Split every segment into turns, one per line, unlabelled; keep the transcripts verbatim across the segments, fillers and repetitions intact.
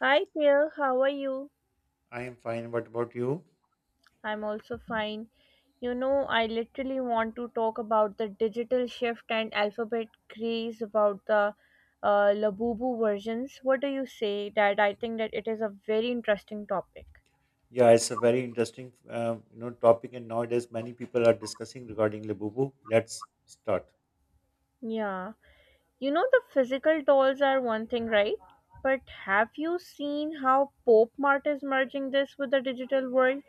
Hi there, how are you?
I am fine. What about you?
I'm also fine. You know, I literally want to talk about the digital shift and alphabet craze about the uh, Labubu versions. What do you say? That I think that it is a very interesting topic.
Yeah, it's a very interesting, um, you know, topic, and nowadays many people are discussing regarding Labubu. Let's start.
Yeah. You know, the physical dolls are one thing, right? But have you seen how Pop Mart is merging this with the digital world?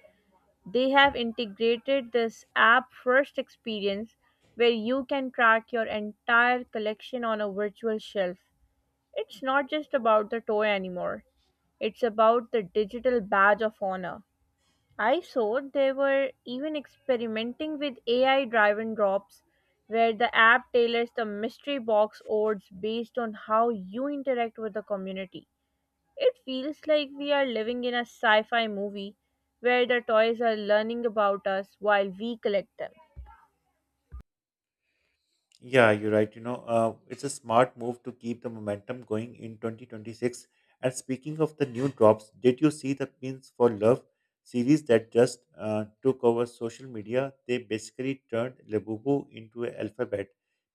They have integrated this app first experience where you can track your entire collection on a virtual shelf. It's not just about the toy anymore, it's about the digital badge of honor. I saw they were even experimenting with A I drive and drops where the app tailors the mystery box odds based on how you interact with the community. It feels like we are living in a sci fi movie where the toys are learning about us while we collect them.
Yeah, you're right. You know, uh, it's a smart move to keep the momentum going in twenty twenty-six. And speaking of the new drops, did you see the Pins for Love series that just uh, took over social media? They basically turned Labubu into an alphabet.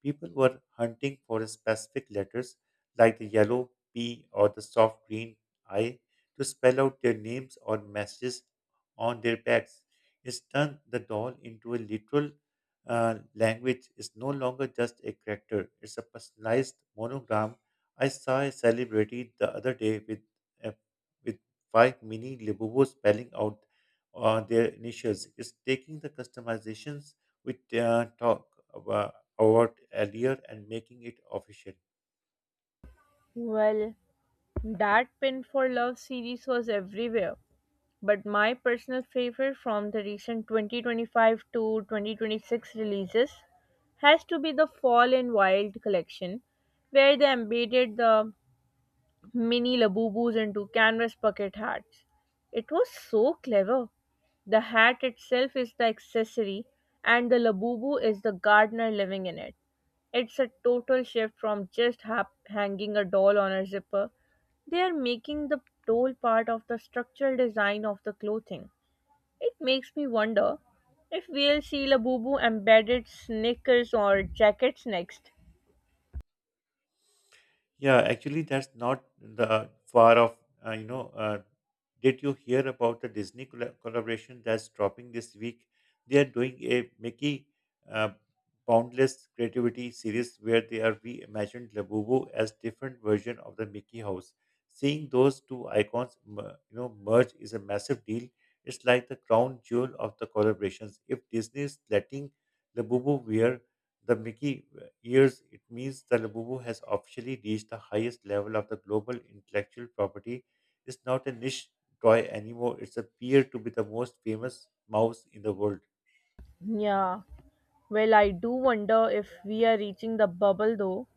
People were hunting for a specific letters like the yellow P or the soft green I to spell out their names or messages on their backs. It's turned the doll into a literal uh, language is no longer just a character, it's a personalized monogram. I saw a celebrity the other day with, uh, with five mini Libobos spelling out uh, their initials. It's taking the customizations we uh, talked about about earlier and making it official.
Well, that Pin for Love series was everywhere, but my personal favorite from the recent twenty twenty-five to twenty twenty-six releases has to be the Fall in Wild collection, where they embedded the mini Labubus into canvas bucket hats. It was so clever. The hat itself is the accessory, and the labubu is the gardener living in it. It's a total shift from just hap- hanging a doll on a zipper. They are making the doll part of the structural design of the clothing. It makes me wonder if we'll see labubu embedded sneakers or jackets next.
Yeah, actually, that's not the far off. Uh, you know, uh, did you hear about the Disney colla- collaboration that's dropping this week? They are doing a Mickey uh, Boundless Creativity series where they are reimagined Labubu as different version of the Mickey House. Seeing those two icons, mer- you know, merge is a massive deal. It's like the crown jewel of the collaborations. If Disney is letting Labubu wear the Mickey years, it means the Labubu has officially reached the highest level of the global intellectual property. It's not a niche toy anymore, it's a peer to be the most famous mouse in the world.
Yeah, well, I do wonder if we are reaching the bubble though.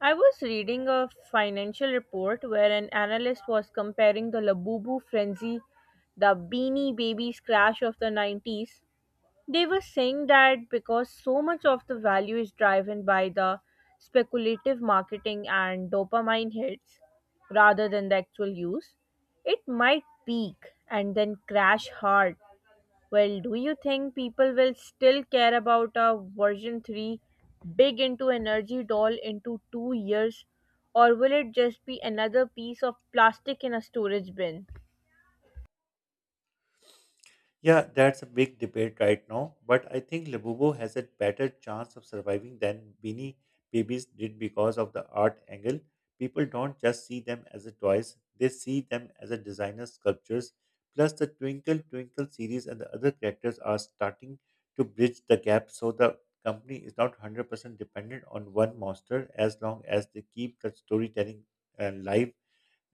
I was reading a financial report where an analyst was comparing the Labubu frenzy, the Beanie Babies crash of the nineties. They were saying that because so much of the value is driven by the speculative marketing and dopamine hits rather than the actual use, it might peak and then crash hard. Well, do you think people will still care about a version three big into energy doll into two years, or will it just be another piece of plastic in a storage bin?
Yeah, that's a big debate right now, but I think Labubu has a better chance of surviving than Beanie Babies did because of the art angle. People don't just see them as a toys, they see them as a designer sculptures. Plus, the Twinkle Twinkle series and the other characters are starting to bridge the gap so the company is not one hundred percent dependent on one monster as long as they keep the storytelling uh, live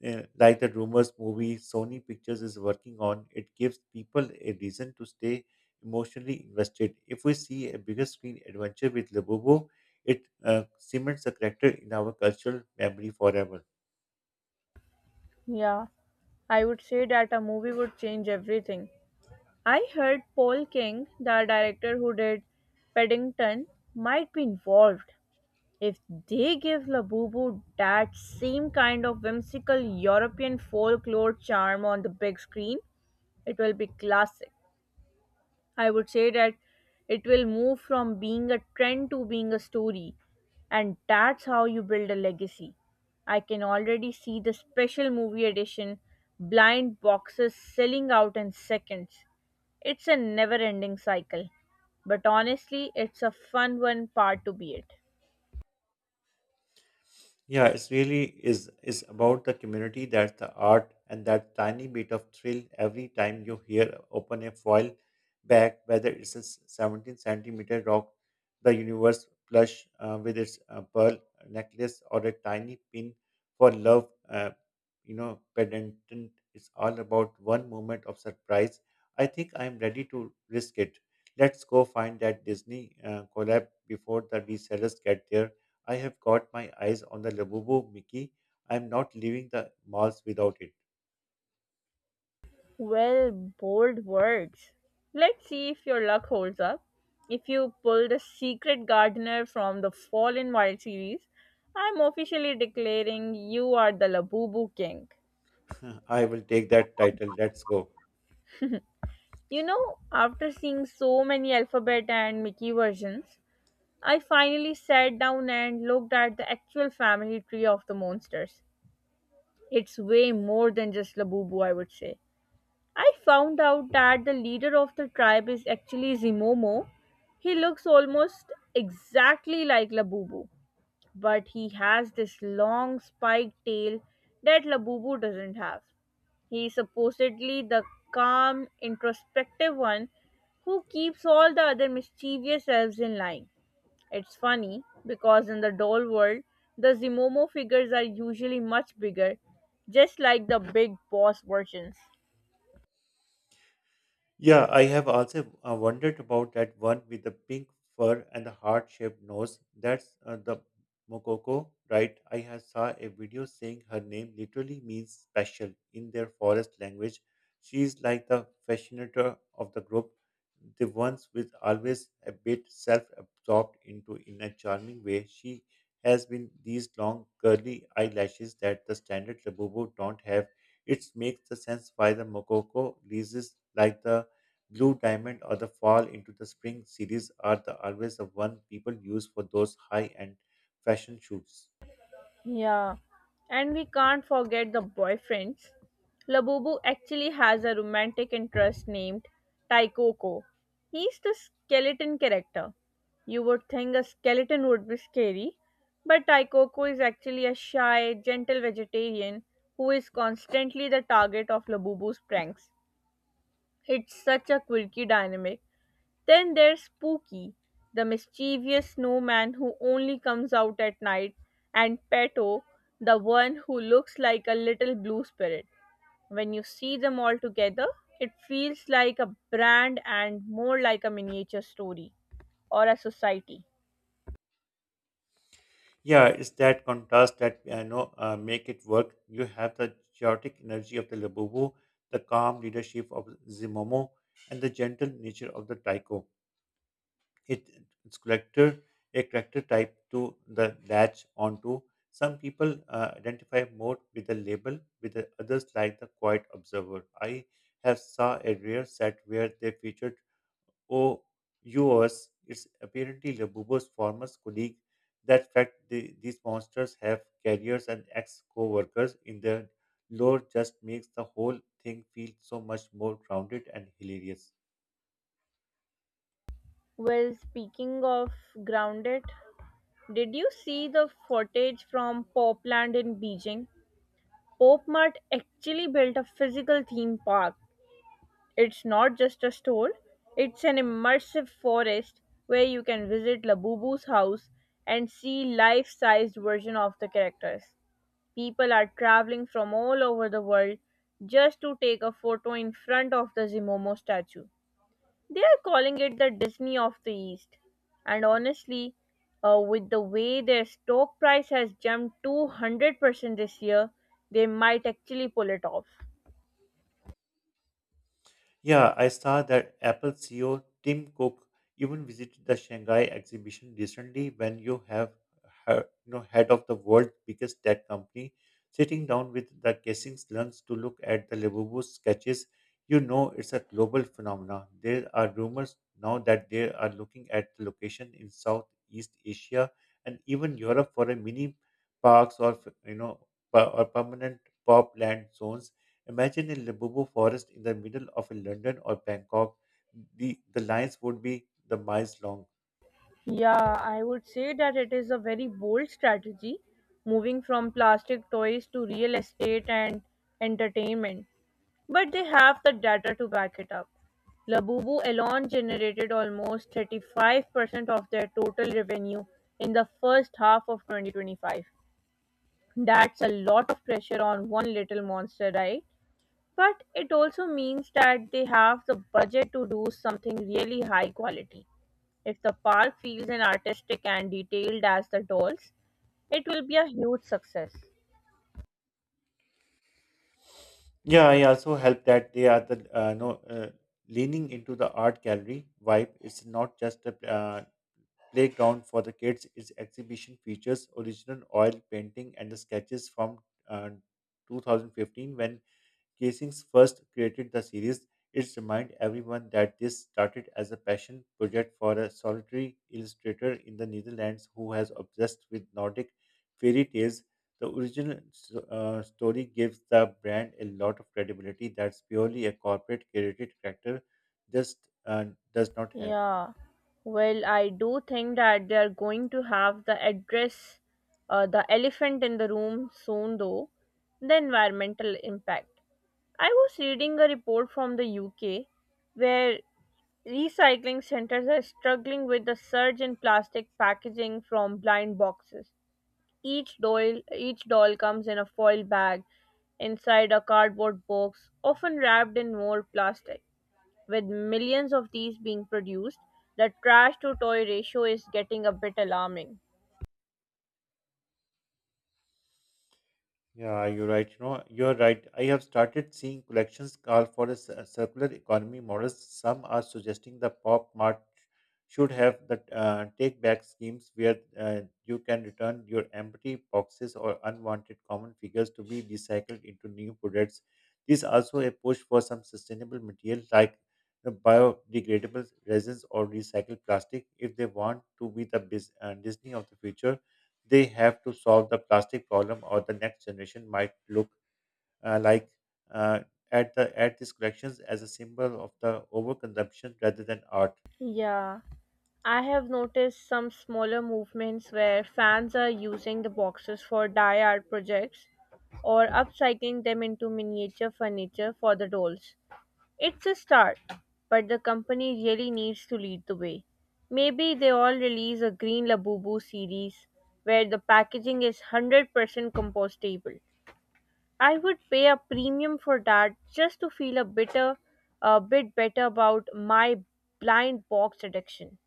uh, like the rumors movie Sony Pictures is working on, it gives people a reason to stay emotionally invested. If we see a bigger screen adventure with Labubu, it uh, cements the character in our cultural memory forever.
Yeah, I would say that a movie would change everything. I heard Paul King, the director who did Paddington, might be involved. If they give Labubu that same kind of whimsical European folklore charm on the big screen, it will be classic. I would say that it will move from being a trend to being a story, and that's how you build a legacy. I can already see the special movie edition blind boxes selling out in seconds. It's a never ending cycle, but honestly, it's a fun one part to be it.
Yeah, it's really is is about the community. That's the art, and that tiny bit of thrill every time you hear open a foil back, whether it's a s- seventeen centimeter rock, the universe plush uh, with its uh, pearl necklace, or a tiny pin for love, uh, you know, pendant. It's all about one moment of surprise. I think I'm ready to risk it. Let's go find that Disney uh, collab before the resellers get there. I have got my eyes on the Labubu Mickey. I'm not leaving the malls without it.
Well, bold words. Let's see if your luck holds up. If you pull the secret gardener from the Fall in Wild series, I'm officially declaring you are the Labubu king.
I will take that title. Let's go.
You know, after seeing so many alphabet and Mickey versions, I finally sat down and looked at the actual family tree of the monsters. It's way more than just Labubu, I would say. I found out that the leader of the tribe is actually Zimomo. He looks almost exactly like Labubu, but he has this long spiked tail that Labubu doesn't have. He is supposedly the calm, introspective one who keeps all the other mischievous elves in line. It's funny because in the doll world, the Zimomo figures are usually much bigger, just like the big boss versions.
Yeah, I have also uh, wondered about that one with the pink fur and the heart-shaped nose. That's uh, the Mokoko, right? I have saw a video saying her name literally means special in their forest language. She is like the fascinator of the group, the ones with always a bit self-absorbed into in a charming way. She has been these long curly eyelashes that the standard labubu don't have. It makes the sense why the Mokoko leases like the Blue Diamond or the Fall into the Spring series are the always the one people use for those high-end fashion shoots.
Yeah, and we can't forget the boyfriends. Labubu actually has a romantic interest named Taikoko. He's the skeleton character. You would think a skeleton would be scary, but Taikoko is actually a shy, gentle vegetarian who is constantly the target of Labubu's pranks. It's such a quirky dynamic. Then there's Spooky, the mischievous snowman who only comes out at night, and Petto, the one who looks like a little blue spirit. When you see them all together, it feels like a brand and more like a miniature story or a society.
Yeah, it's that contrast that uh, you know uh, make it work. You have the chaotic energy of the Labubu, the calm leadership of Zimomo, and the gentle nature of the Taiko. It its character a character type to the latch onto. Some people uh, identify more with the label, with the others like the quiet observer. I have saw a rare set where they featured O yours. It's apparently Labubo's former colleague. That fact, the, these monsters have carriers and ex-co-workers in their lore just makes the whole thing feel so much more grounded and hilarious.
Well, speaking of grounded, did you see the footage from Popland in Beijing? Pop Mart actually built a physical theme park. It's not just a store, it's an immersive forest where you can visit Labubu's house and see life-sized version of the characters. People are traveling from all over the world just to take a photo in front of the Zimomo statue. They are calling it the Disney of the East. And honestly, uh, with the way their stock price has jumped two hundred percent this year, they might actually pull it off.
Yeah, I saw that Apple C E O Tim Cook even visited the Shanghai exhibition recently when you have her- you know, head of the world's biggest tech company sitting down with the Kessing's lunch to look at the Lenovo sketches. You know it's a global phenomena. There are rumors now that they are looking at the location in Southeast Asia and even Europe for a mini parks or you know per- or permanent pop land zones. Imagine a Libobo forest in the middle of a London or Bangkok. The, the lines would be the miles long.
Yeah, I would say that it is a very bold strategy, moving from plastic toys to real estate and entertainment. But they have the data to back it up. Labubu alone generated almost thirty-five percent of their total revenue in the first half of twenty twenty-five. That's a lot of pressure on one little monster, right? But it also means that they have the budget to do something really high quality. If the park feels as artistic and detailed as the dolls, it will be a huge success.
Yeah, I also help that they are the uh, no uh, leaning into the art gallery vibe. It's not just a uh, playground for the kids. Its exhibition features original oil painting and the sketches from uh, two thousand fifteen when Casings first created the series. It's remind everyone that this started as a passion project for a solitary illustrator in the Netherlands who has obsessed with Nordic fairy tales. The original s- uh, story gives the brand a lot of credibility that's purely a corporate created character just uh, does not have.
Yeah, well, I do think that they are going to have the address, uh, the elephant in the room soon, though, the environmental impact. I was reading a report from the U K where recycling centers are struggling with the surge in plastic packaging from blind boxes. Each doll, each doll comes in a foil bag inside a cardboard box, often wrapped in more plastic. With millions of these being produced, the trash to toy ratio is getting a bit alarming.
Yeah, you're right. You know, you're right. I have started seeing collections call for a cir- circular economy models. Some are suggesting the pop mart should have the uh, take back schemes where uh, you can return your empty boxes or unwanted common figures to be recycled into new products. There's also a push for some sustainable material like the biodegradable resins or recycled plastic. If they want to be the bus- uh, Disney of the future, they have to solve the plastic problem, or the next generation might look uh, like uh, at the at these collections as a symbol of the overconsumption rather than art.
Yeah, I have noticed some smaller movements where fans are using the boxes for dye art projects or upcycling them into miniature furniture for the dolls. It's a start, but the company really needs to lead the way. Maybe they all release a green labubu series where the packaging is one hundred percent compostable. I would pay a premium for that just to feel a bitter a bit better about my blind box addiction.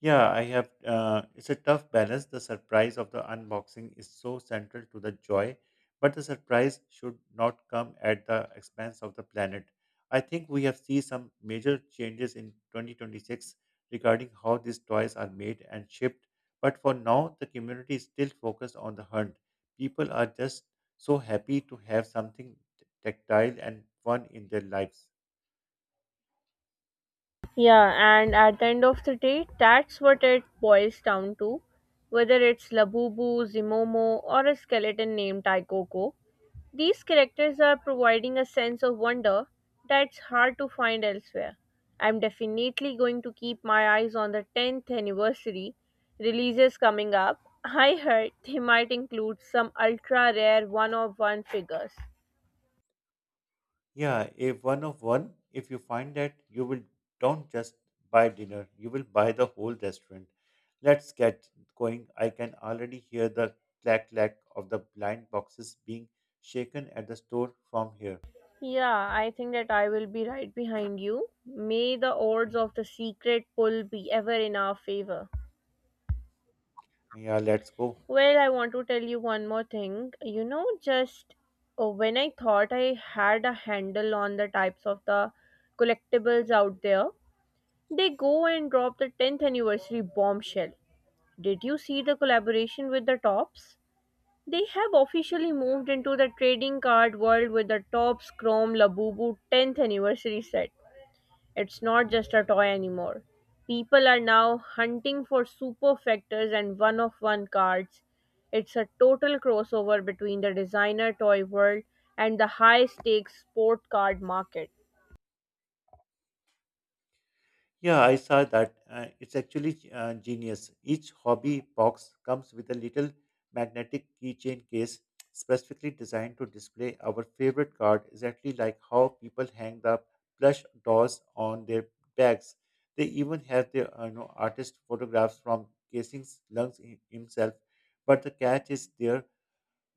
Yeah, I have. Uh, it's a tough balance. The surprise of the unboxing is so central to the joy, but the surprise should not come at the expense of the planet. I think we have seen some major changes in twenty twenty-six regarding how these toys are made and shipped. But for now, the community is still focused on the hunt. People are just so happy to have something t- tactile and fun in their lives.
Yeah, and at the end of the day, that's what it boils down to. Whether it's Labubu, Zimomo, or a skeleton named Taikoko, these characters are providing a sense of wonder that's hard to find elsewhere. I'm definitely going to keep my eyes on the tenth anniversary releases coming up. I heard they might include some ultra rare one of one figures.
Yeah, if one of one, if you find that you will don't just buy dinner, you will buy the whole restaurant. Let's get going. I can already hear the clack clack of the blind boxes being shaken at the store from here.
Yeah, I think that I will be right behind you. May the odds of the secret pull be ever in our favor.
Yeah, let's go.
Well, I want to tell you one more thing. You know, just uh, when I thought I had a handle on the types of the collectibles out there, they go and drop the tenth anniversary bombshell. Did you see the collaboration with the Tops? They have officially moved into the trading card world with the Tops Chrome Labubu tenth anniversary set. It's not just a toy anymore. People are now hunting for superfectors and one of one cards. It's a total crossover between the designer toy world and the high stakes sport card market.
Yeah, I saw that. Uh, it's actually uh, genius. Each hobby box comes with a little magnetic keychain case specifically designed to display our favorite card, exactly like how people hang the plush dolls on their bags. They even have their uh, you know, artist photographs from Casing's lungs himself. But the catch is there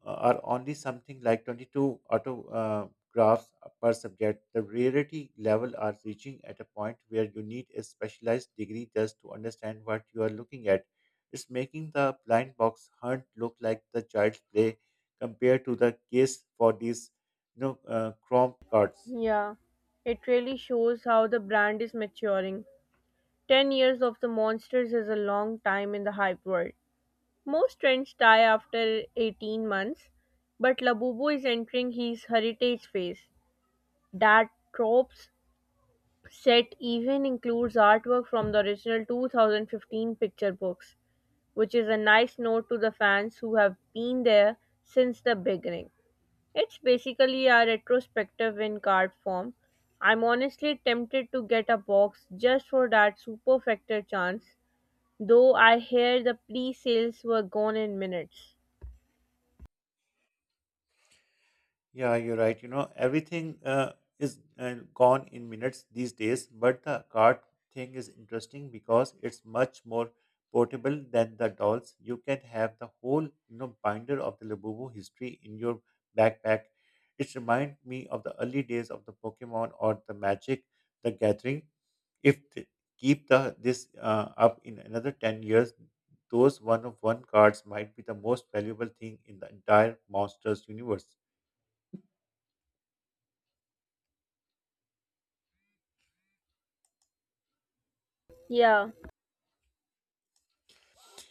uh, are only something like twenty-two autographs per subject. The rarity level are reaching at a point where you need a specialized degree just to understand what you are looking at. It's making the blind box hunt look like the child's play compared to the case for these you know, uh, Chrome cards.
Yeah, it really shows how the brand is maturing. ten years of the monsters is a long time in the hype world. Most trends die after eighteen months, but Labubu is entering his heritage phase. Dad tropes. Set even includes artwork from the original two thousand fifteen picture books, which is a nice note to the fans who have been there since the beginning. It's basically a retrospective in card form. I'm honestly tempted to get a box just for that super factor chance, though I hear the pre sales were gone in minutes.
Yeah, you're right. You know, everything uh, is uh, gone in minutes these days, but the cart thing is interesting because it's much more portable than the dolls. You can have the whole, you know, binder of the Labubu history in your backpack. It reminds me of the early days of the Pokemon or the Magic, the Gathering. If they keep the this uh, up in another ten years, those one of one cards might be the most valuable thing in the entire Monsters universe.
Yeah,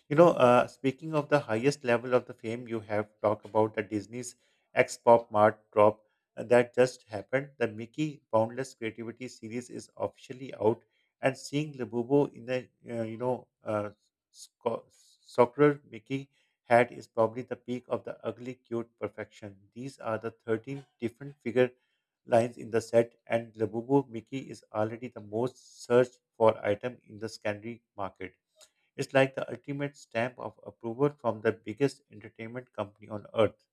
You know, uh, speaking of the highest level of the fame, you have talked about the Disney's X Pop Mart drop uh, that just happened. The Mickey Boundless Creativity series is officially out, and seeing Labubu in the uh, you know uh, sco- soccer Mickey hat is probably the peak of the ugly cute perfection. These are the thirteen different figure lines in the set, and Labubu Mickey is already the most searched for item in the secondary market. It's like the ultimate stamp of approval from the biggest entertainment company on earth.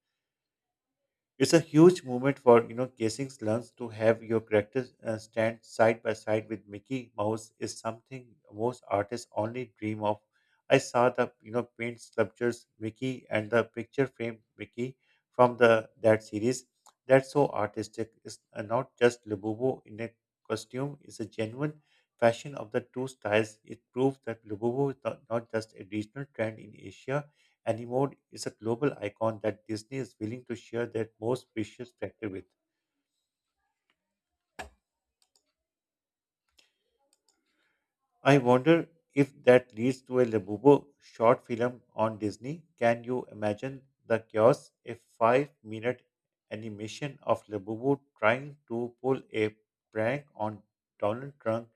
It's a huge moment for you know Casing's learns. To have your character uh, stand side by side with Mickey Mouse is something most artists only dream of. I saw the you know paint sculptures Mickey and the picture frame Mickey from the that series. That's so artistic. It's uh, not just Lububo in a costume. It's a genuine fashion of the two styles. It proves that Lububo is not, not just a regional trend in Asia. Animold is a global icon that Disney is willing to share their most precious treasure with. I wonder if that leads to a Labubu short film on Disney. Can you imagine the chaos? A five minute animation of Labubu trying to pull a prank on Donald Trump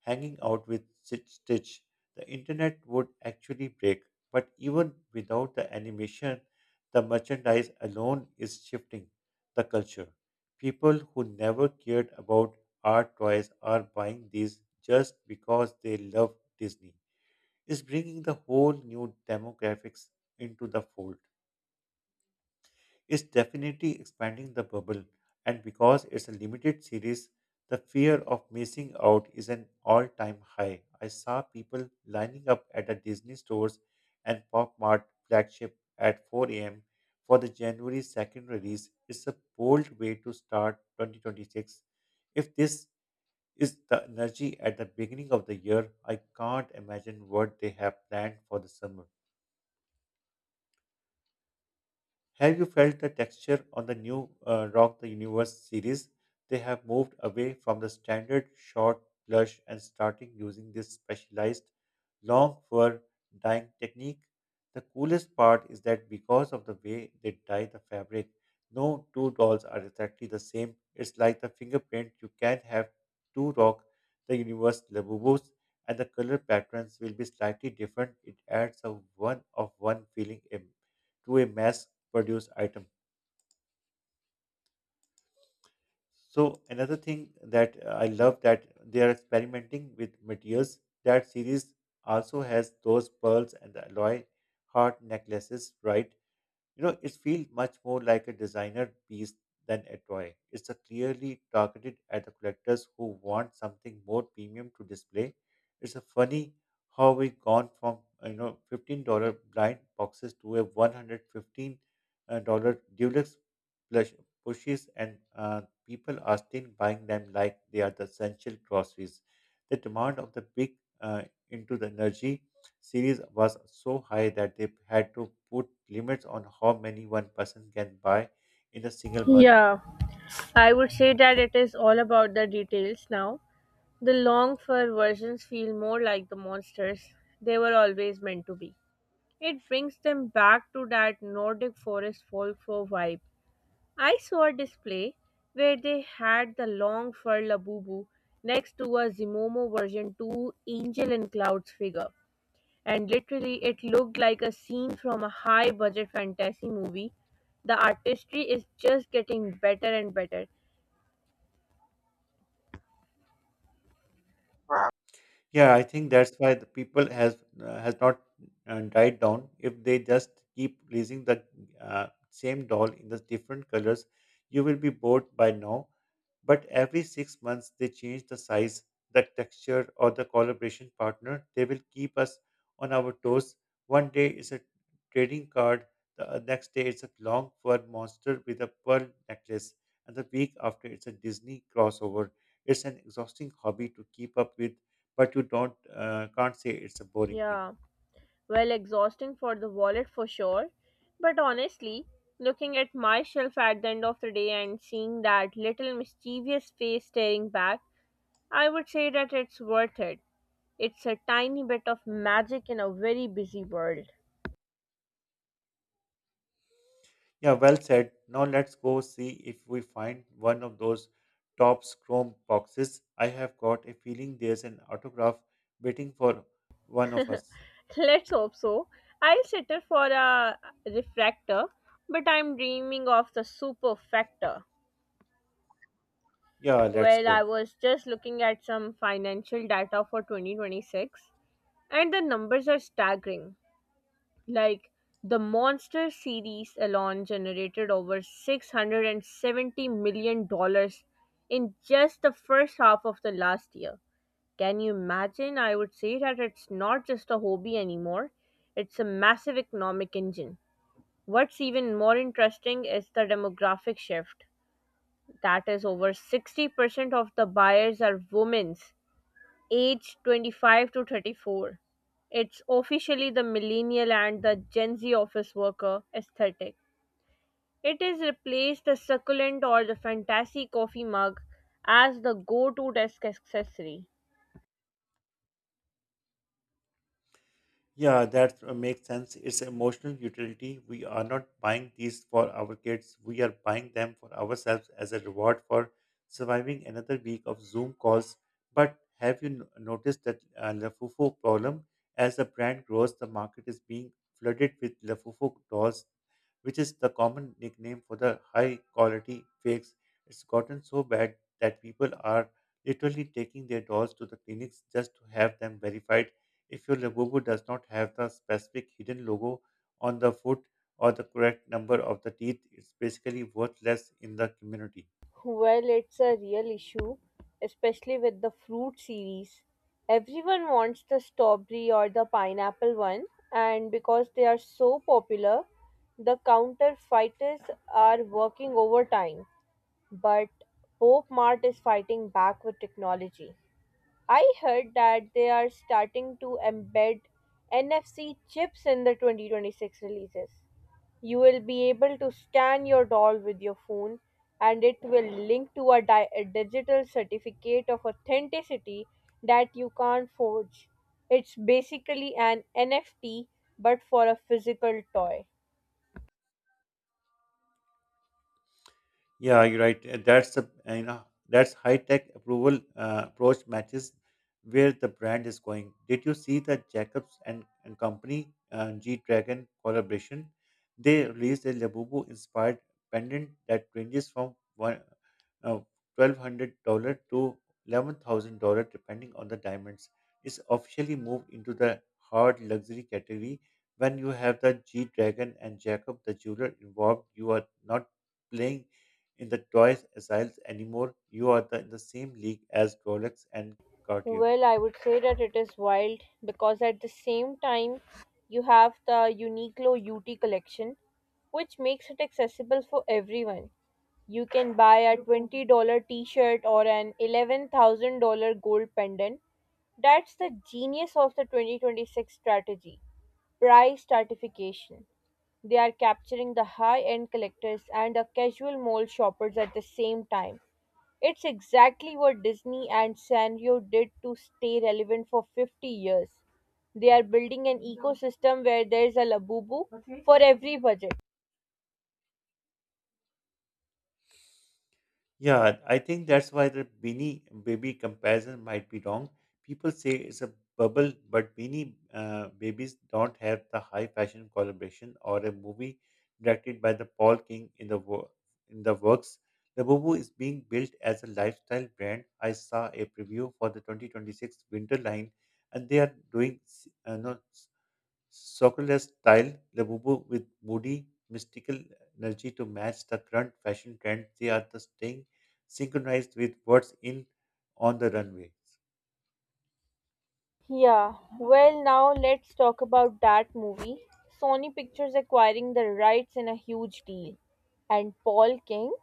hanging out with Stitch, the internet would actually break. But even without the animation, the merchandise alone is shifting the culture. People who never cared about art toys are buying these just because they love Disney. Is bringing the whole new demographics into the fold is definitely expanding the bubble, and because it's a limited series, the fear of missing out is an all time high. I saw people lining up at the Disney stores and Pop Mart flagship at four a m for the January second release. It's a bold way to start twenty twenty-six. If this is the energy at the beginning of the year, I can't imagine what they have planned for the summer. Have you felt the texture on the new uh, Rock the Universe series? They have moved away from the standard short blush and starting using this specialized long fur dyeing technique. The coolest part is that because of the way they dye the fabric, no two dolls are exactly the same. It's like the fingerprint. You can have two Rock the Universe Labubus and the color patterns will be slightly different. It adds a one of one feeling a to a mass produced item. So another thing that uh, I love that they are experimenting with materials. That series also has those pearls and the alloy heart necklaces, right? You know, it feels much more like a designer piece than a toy. It's a clearly targeted at the collectors who want something more premium to display. It's a funny how we've gone from uh, you know fifteen dollar blind boxes to a one hundred fifteen uh, dollar deluxe plush pushes, and uh, people are still buying them like they are the essential groceries. The demand of the big uh, into the energy series was so high that they had to put limits on how many one person can buy in a single month.
yeah. I would say that it is all about the details now. The long fur versions feel more like the monsters they were always meant to be. It brings them back to that Nordic forest folklore vibe. I saw a display where they had the long fur Labubu next to a Zimomo version two Angel in Clouds figure. And literally, it looked like a scene from a high budget fantasy movie. The artistry is just getting better and better.
Yeah, I think that's why the people has uh, has not uh, died down. If they just keep releasing the uh, same doll in the different colors, you will be bored by now. But every six months they change the size, the texture, or the collaboration partner. They will keep us on our toes. One day is a trading card, the uh, next day it's a long fur monster with a pearl necklace, and the week after it's a Disney crossover. It's an exhausting hobby to keep up with, but you don't uh, can't say it's a boring thing.
Yeah. Well, exhausting for the wallet for sure. But honestly, looking at myself at the end of the day and seeing that little mischievous face staring back, I would say that it's worth it. It's a tiny bit of magic in a very busy world.
Yeah, well said. Now let's go see if we find one of those Topps Chrome boxes. I have got a feeling there's an autograph waiting for one of us.
Let's hope so. I'll settle for a refractor, but I'm dreaming of the superfector.
Yeah, let's
Well, I
go.
was just looking at some financial data for twenty twenty-six, and the numbers are staggering. Like, the Monster series alone generated over six hundred seventy million dollars in just the first half of the last year. Can you imagine? I would say that it's not just a hobby anymore, it's a massive economic engine. What's even more interesting is the demographic shift. That is, over sixty percent of the buyers are women, age twenty-five to thirty-four. It's officially the millennial and the Gen Z office worker aesthetic. It has replaced the succulent or the fantasy coffee mug as the go to desk accessory.
Yeah, that uh, makes sense. It's emotional utility. We are not buying these for our kids. We are buying them for ourselves as a reward for surviving another week of Zoom calls. But have you no- noticed that uh, Lafufo problem? As the brand grows, the market is being flooded with Lafufo dolls, which is the common nickname for the high quality fakes. It's gotten so bad that people are literally taking their dolls to the clinics just to have them verified if your logo does not have the specific hidden logo on the foot or the correct number of the teeth, it's basically worthless in the community.
Well, it's a real issue, especially with the fruit series. Everyone wants the strawberry or the pineapple one, and because they are so popular, the counterfeiters are working overtime. But Pope Mart is fighting back with technology. I heard that they are starting to embed N F C chips in the twenty twenty-six releases. You will be able to scan your doll with your phone and it will link to a, di- a digital certificate of authenticity that you can't forge. It's basically an N F T but for a physical toy.
Yeah, you're right. Uh, That's a uh, you know that's high tech approval uh, approach matches where the brand is going. Did you see the Jacobs and, and Company uh, G Dragon collaboration? They released a Labubu inspired pendant that ranges from one. Now, twelve hundred dollars to eleven thousand dollars depending on the diamonds, is officially moved into the hard luxury category. When you have the G Dragon and Jacob the jeweler involved, you are not playing in the toys aisles anymore. You are the, in the same league as Rolex and Cartier.
Well, I would say that it is wild because at the same time you have the Uniqlo U T collection, which makes it accessible for everyone. You can buy a twenty dollars t shirt or an eleven thousand dollars gold pendant. That's the genius of the twenty twenty-six strategy price stratification. They are capturing the high end collectors and the casual mall shoppers at the same time. It's exactly what Disney and Sanrio did to stay relevant for fifty years. They are building an ecosystem where there's a labubu for every budget.
Yeah, I think that's why the Beanie baby comparison might be wrong. People say it's a bubble, but Beanie uh, babies don't have the high fashion collaboration or a movie directed by the Paul King in the wo- in the works. The Bubu is being built as a lifestyle brand. I saw a preview for the twenty twenty-six winter line, and they are doing s- uh, no, Soccerless style, Labubu with moody, mystical energy to match the current fashion trend, they are the staying synchronized with what's in on the runway.
Yeah, well, now let's talk about that movie. Sony Pictures acquiring the rights in a huge deal. And Paul King,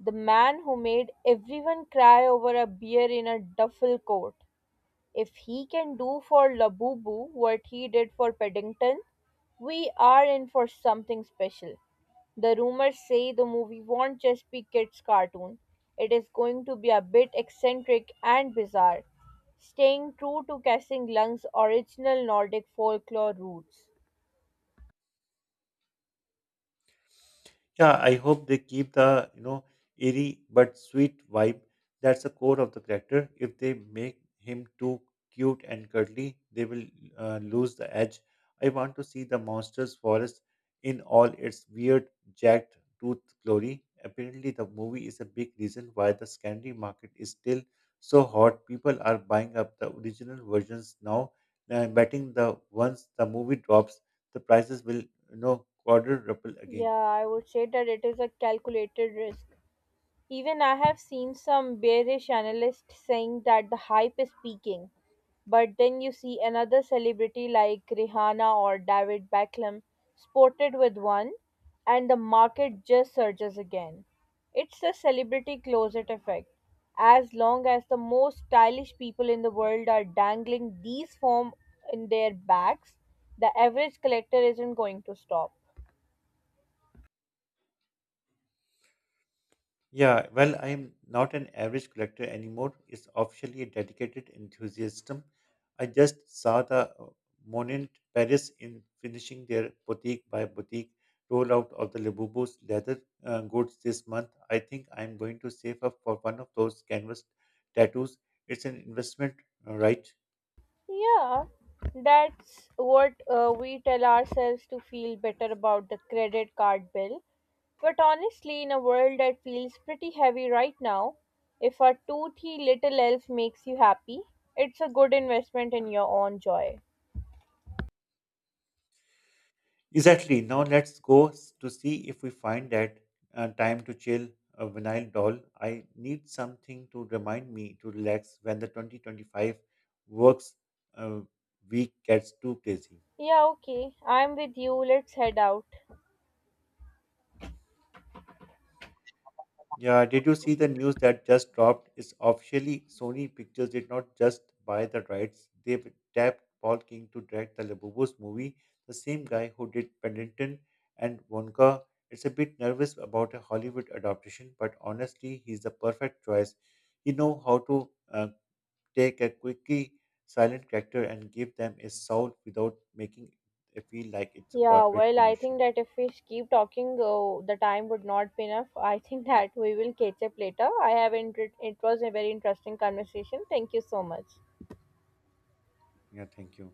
the man who made everyone cry over a beer in a duffel coat, if he can do for Labubu what he did for Paddington, we are in for something special. The rumors say the movie won't just be kids' cartoon. It is going to be a bit eccentric and bizarre, staying true to Casting Lung's original Nordic folklore roots.
Yeah, I hope they keep the, you know, eerie but sweet vibe. That's the core of the character. If they make him too cute and cuddly, they will uh, lose the edge. I want to see the monster's forest in all its weird, jagged tooth glory. Apparently, the movie is a big reason why the secondary market is still so hot. People are buying up the original versions now, and betting the once the movie drops, the prices will, you know, quadruple
Yeah,
again.
I would say that it is a calculated risk. Even I have seen some bearish analysts saying that the hype is peaking. But then you see another celebrity like Rihanna or David Beckham sported with one, and the market just surges again. It's the celebrity closet effect. As long as the most stylish people in the world are dangling these form in their backs, the average collector isn't going to stop.
Yeah, well, I am not an average collector anymore. It's officially a dedicated enthusiasm. I just saw the uh, Monet Paris in finishing their boutique by boutique rollout of the Leboubo's leather uh, goods this month. I think I'm going to save up for one of those canvas tattoos. It's an investment, uh, right?
Yeah, that's what uh, we tell ourselves to feel better about the credit card bill. But honestly, in a world that feels pretty heavy right now, if a toothy little elf makes you happy, it's a good investment in your own joy.
Exactly. Now let's go s- to see if we find that uh, time to chill a vinyl doll. I need something to remind me to relax when the twenty twenty-five works uh, week gets too busy.
Yeah, okay, I'm with you. Let's head out.
Yeah, did you see the news that just dropped? It's officially Sony Pictures did not just buy the rights, they've tapped Paul King to direct the Labubus movie, the same guy who did Paddington and Wonka. It's a bit nervous about a Hollywood adaptation, but honestly, he's the perfect choice. He know how to uh, take a quirky, silent character and give them a soul without making it feel like it's a
Yeah,
corporate
well, I
commercial.
think that if we keep talking, uh, the time would not be enough. I think that we will catch up later. I have inter- it was a very interesting conversation. Thank you so much.
Yeah, thank you.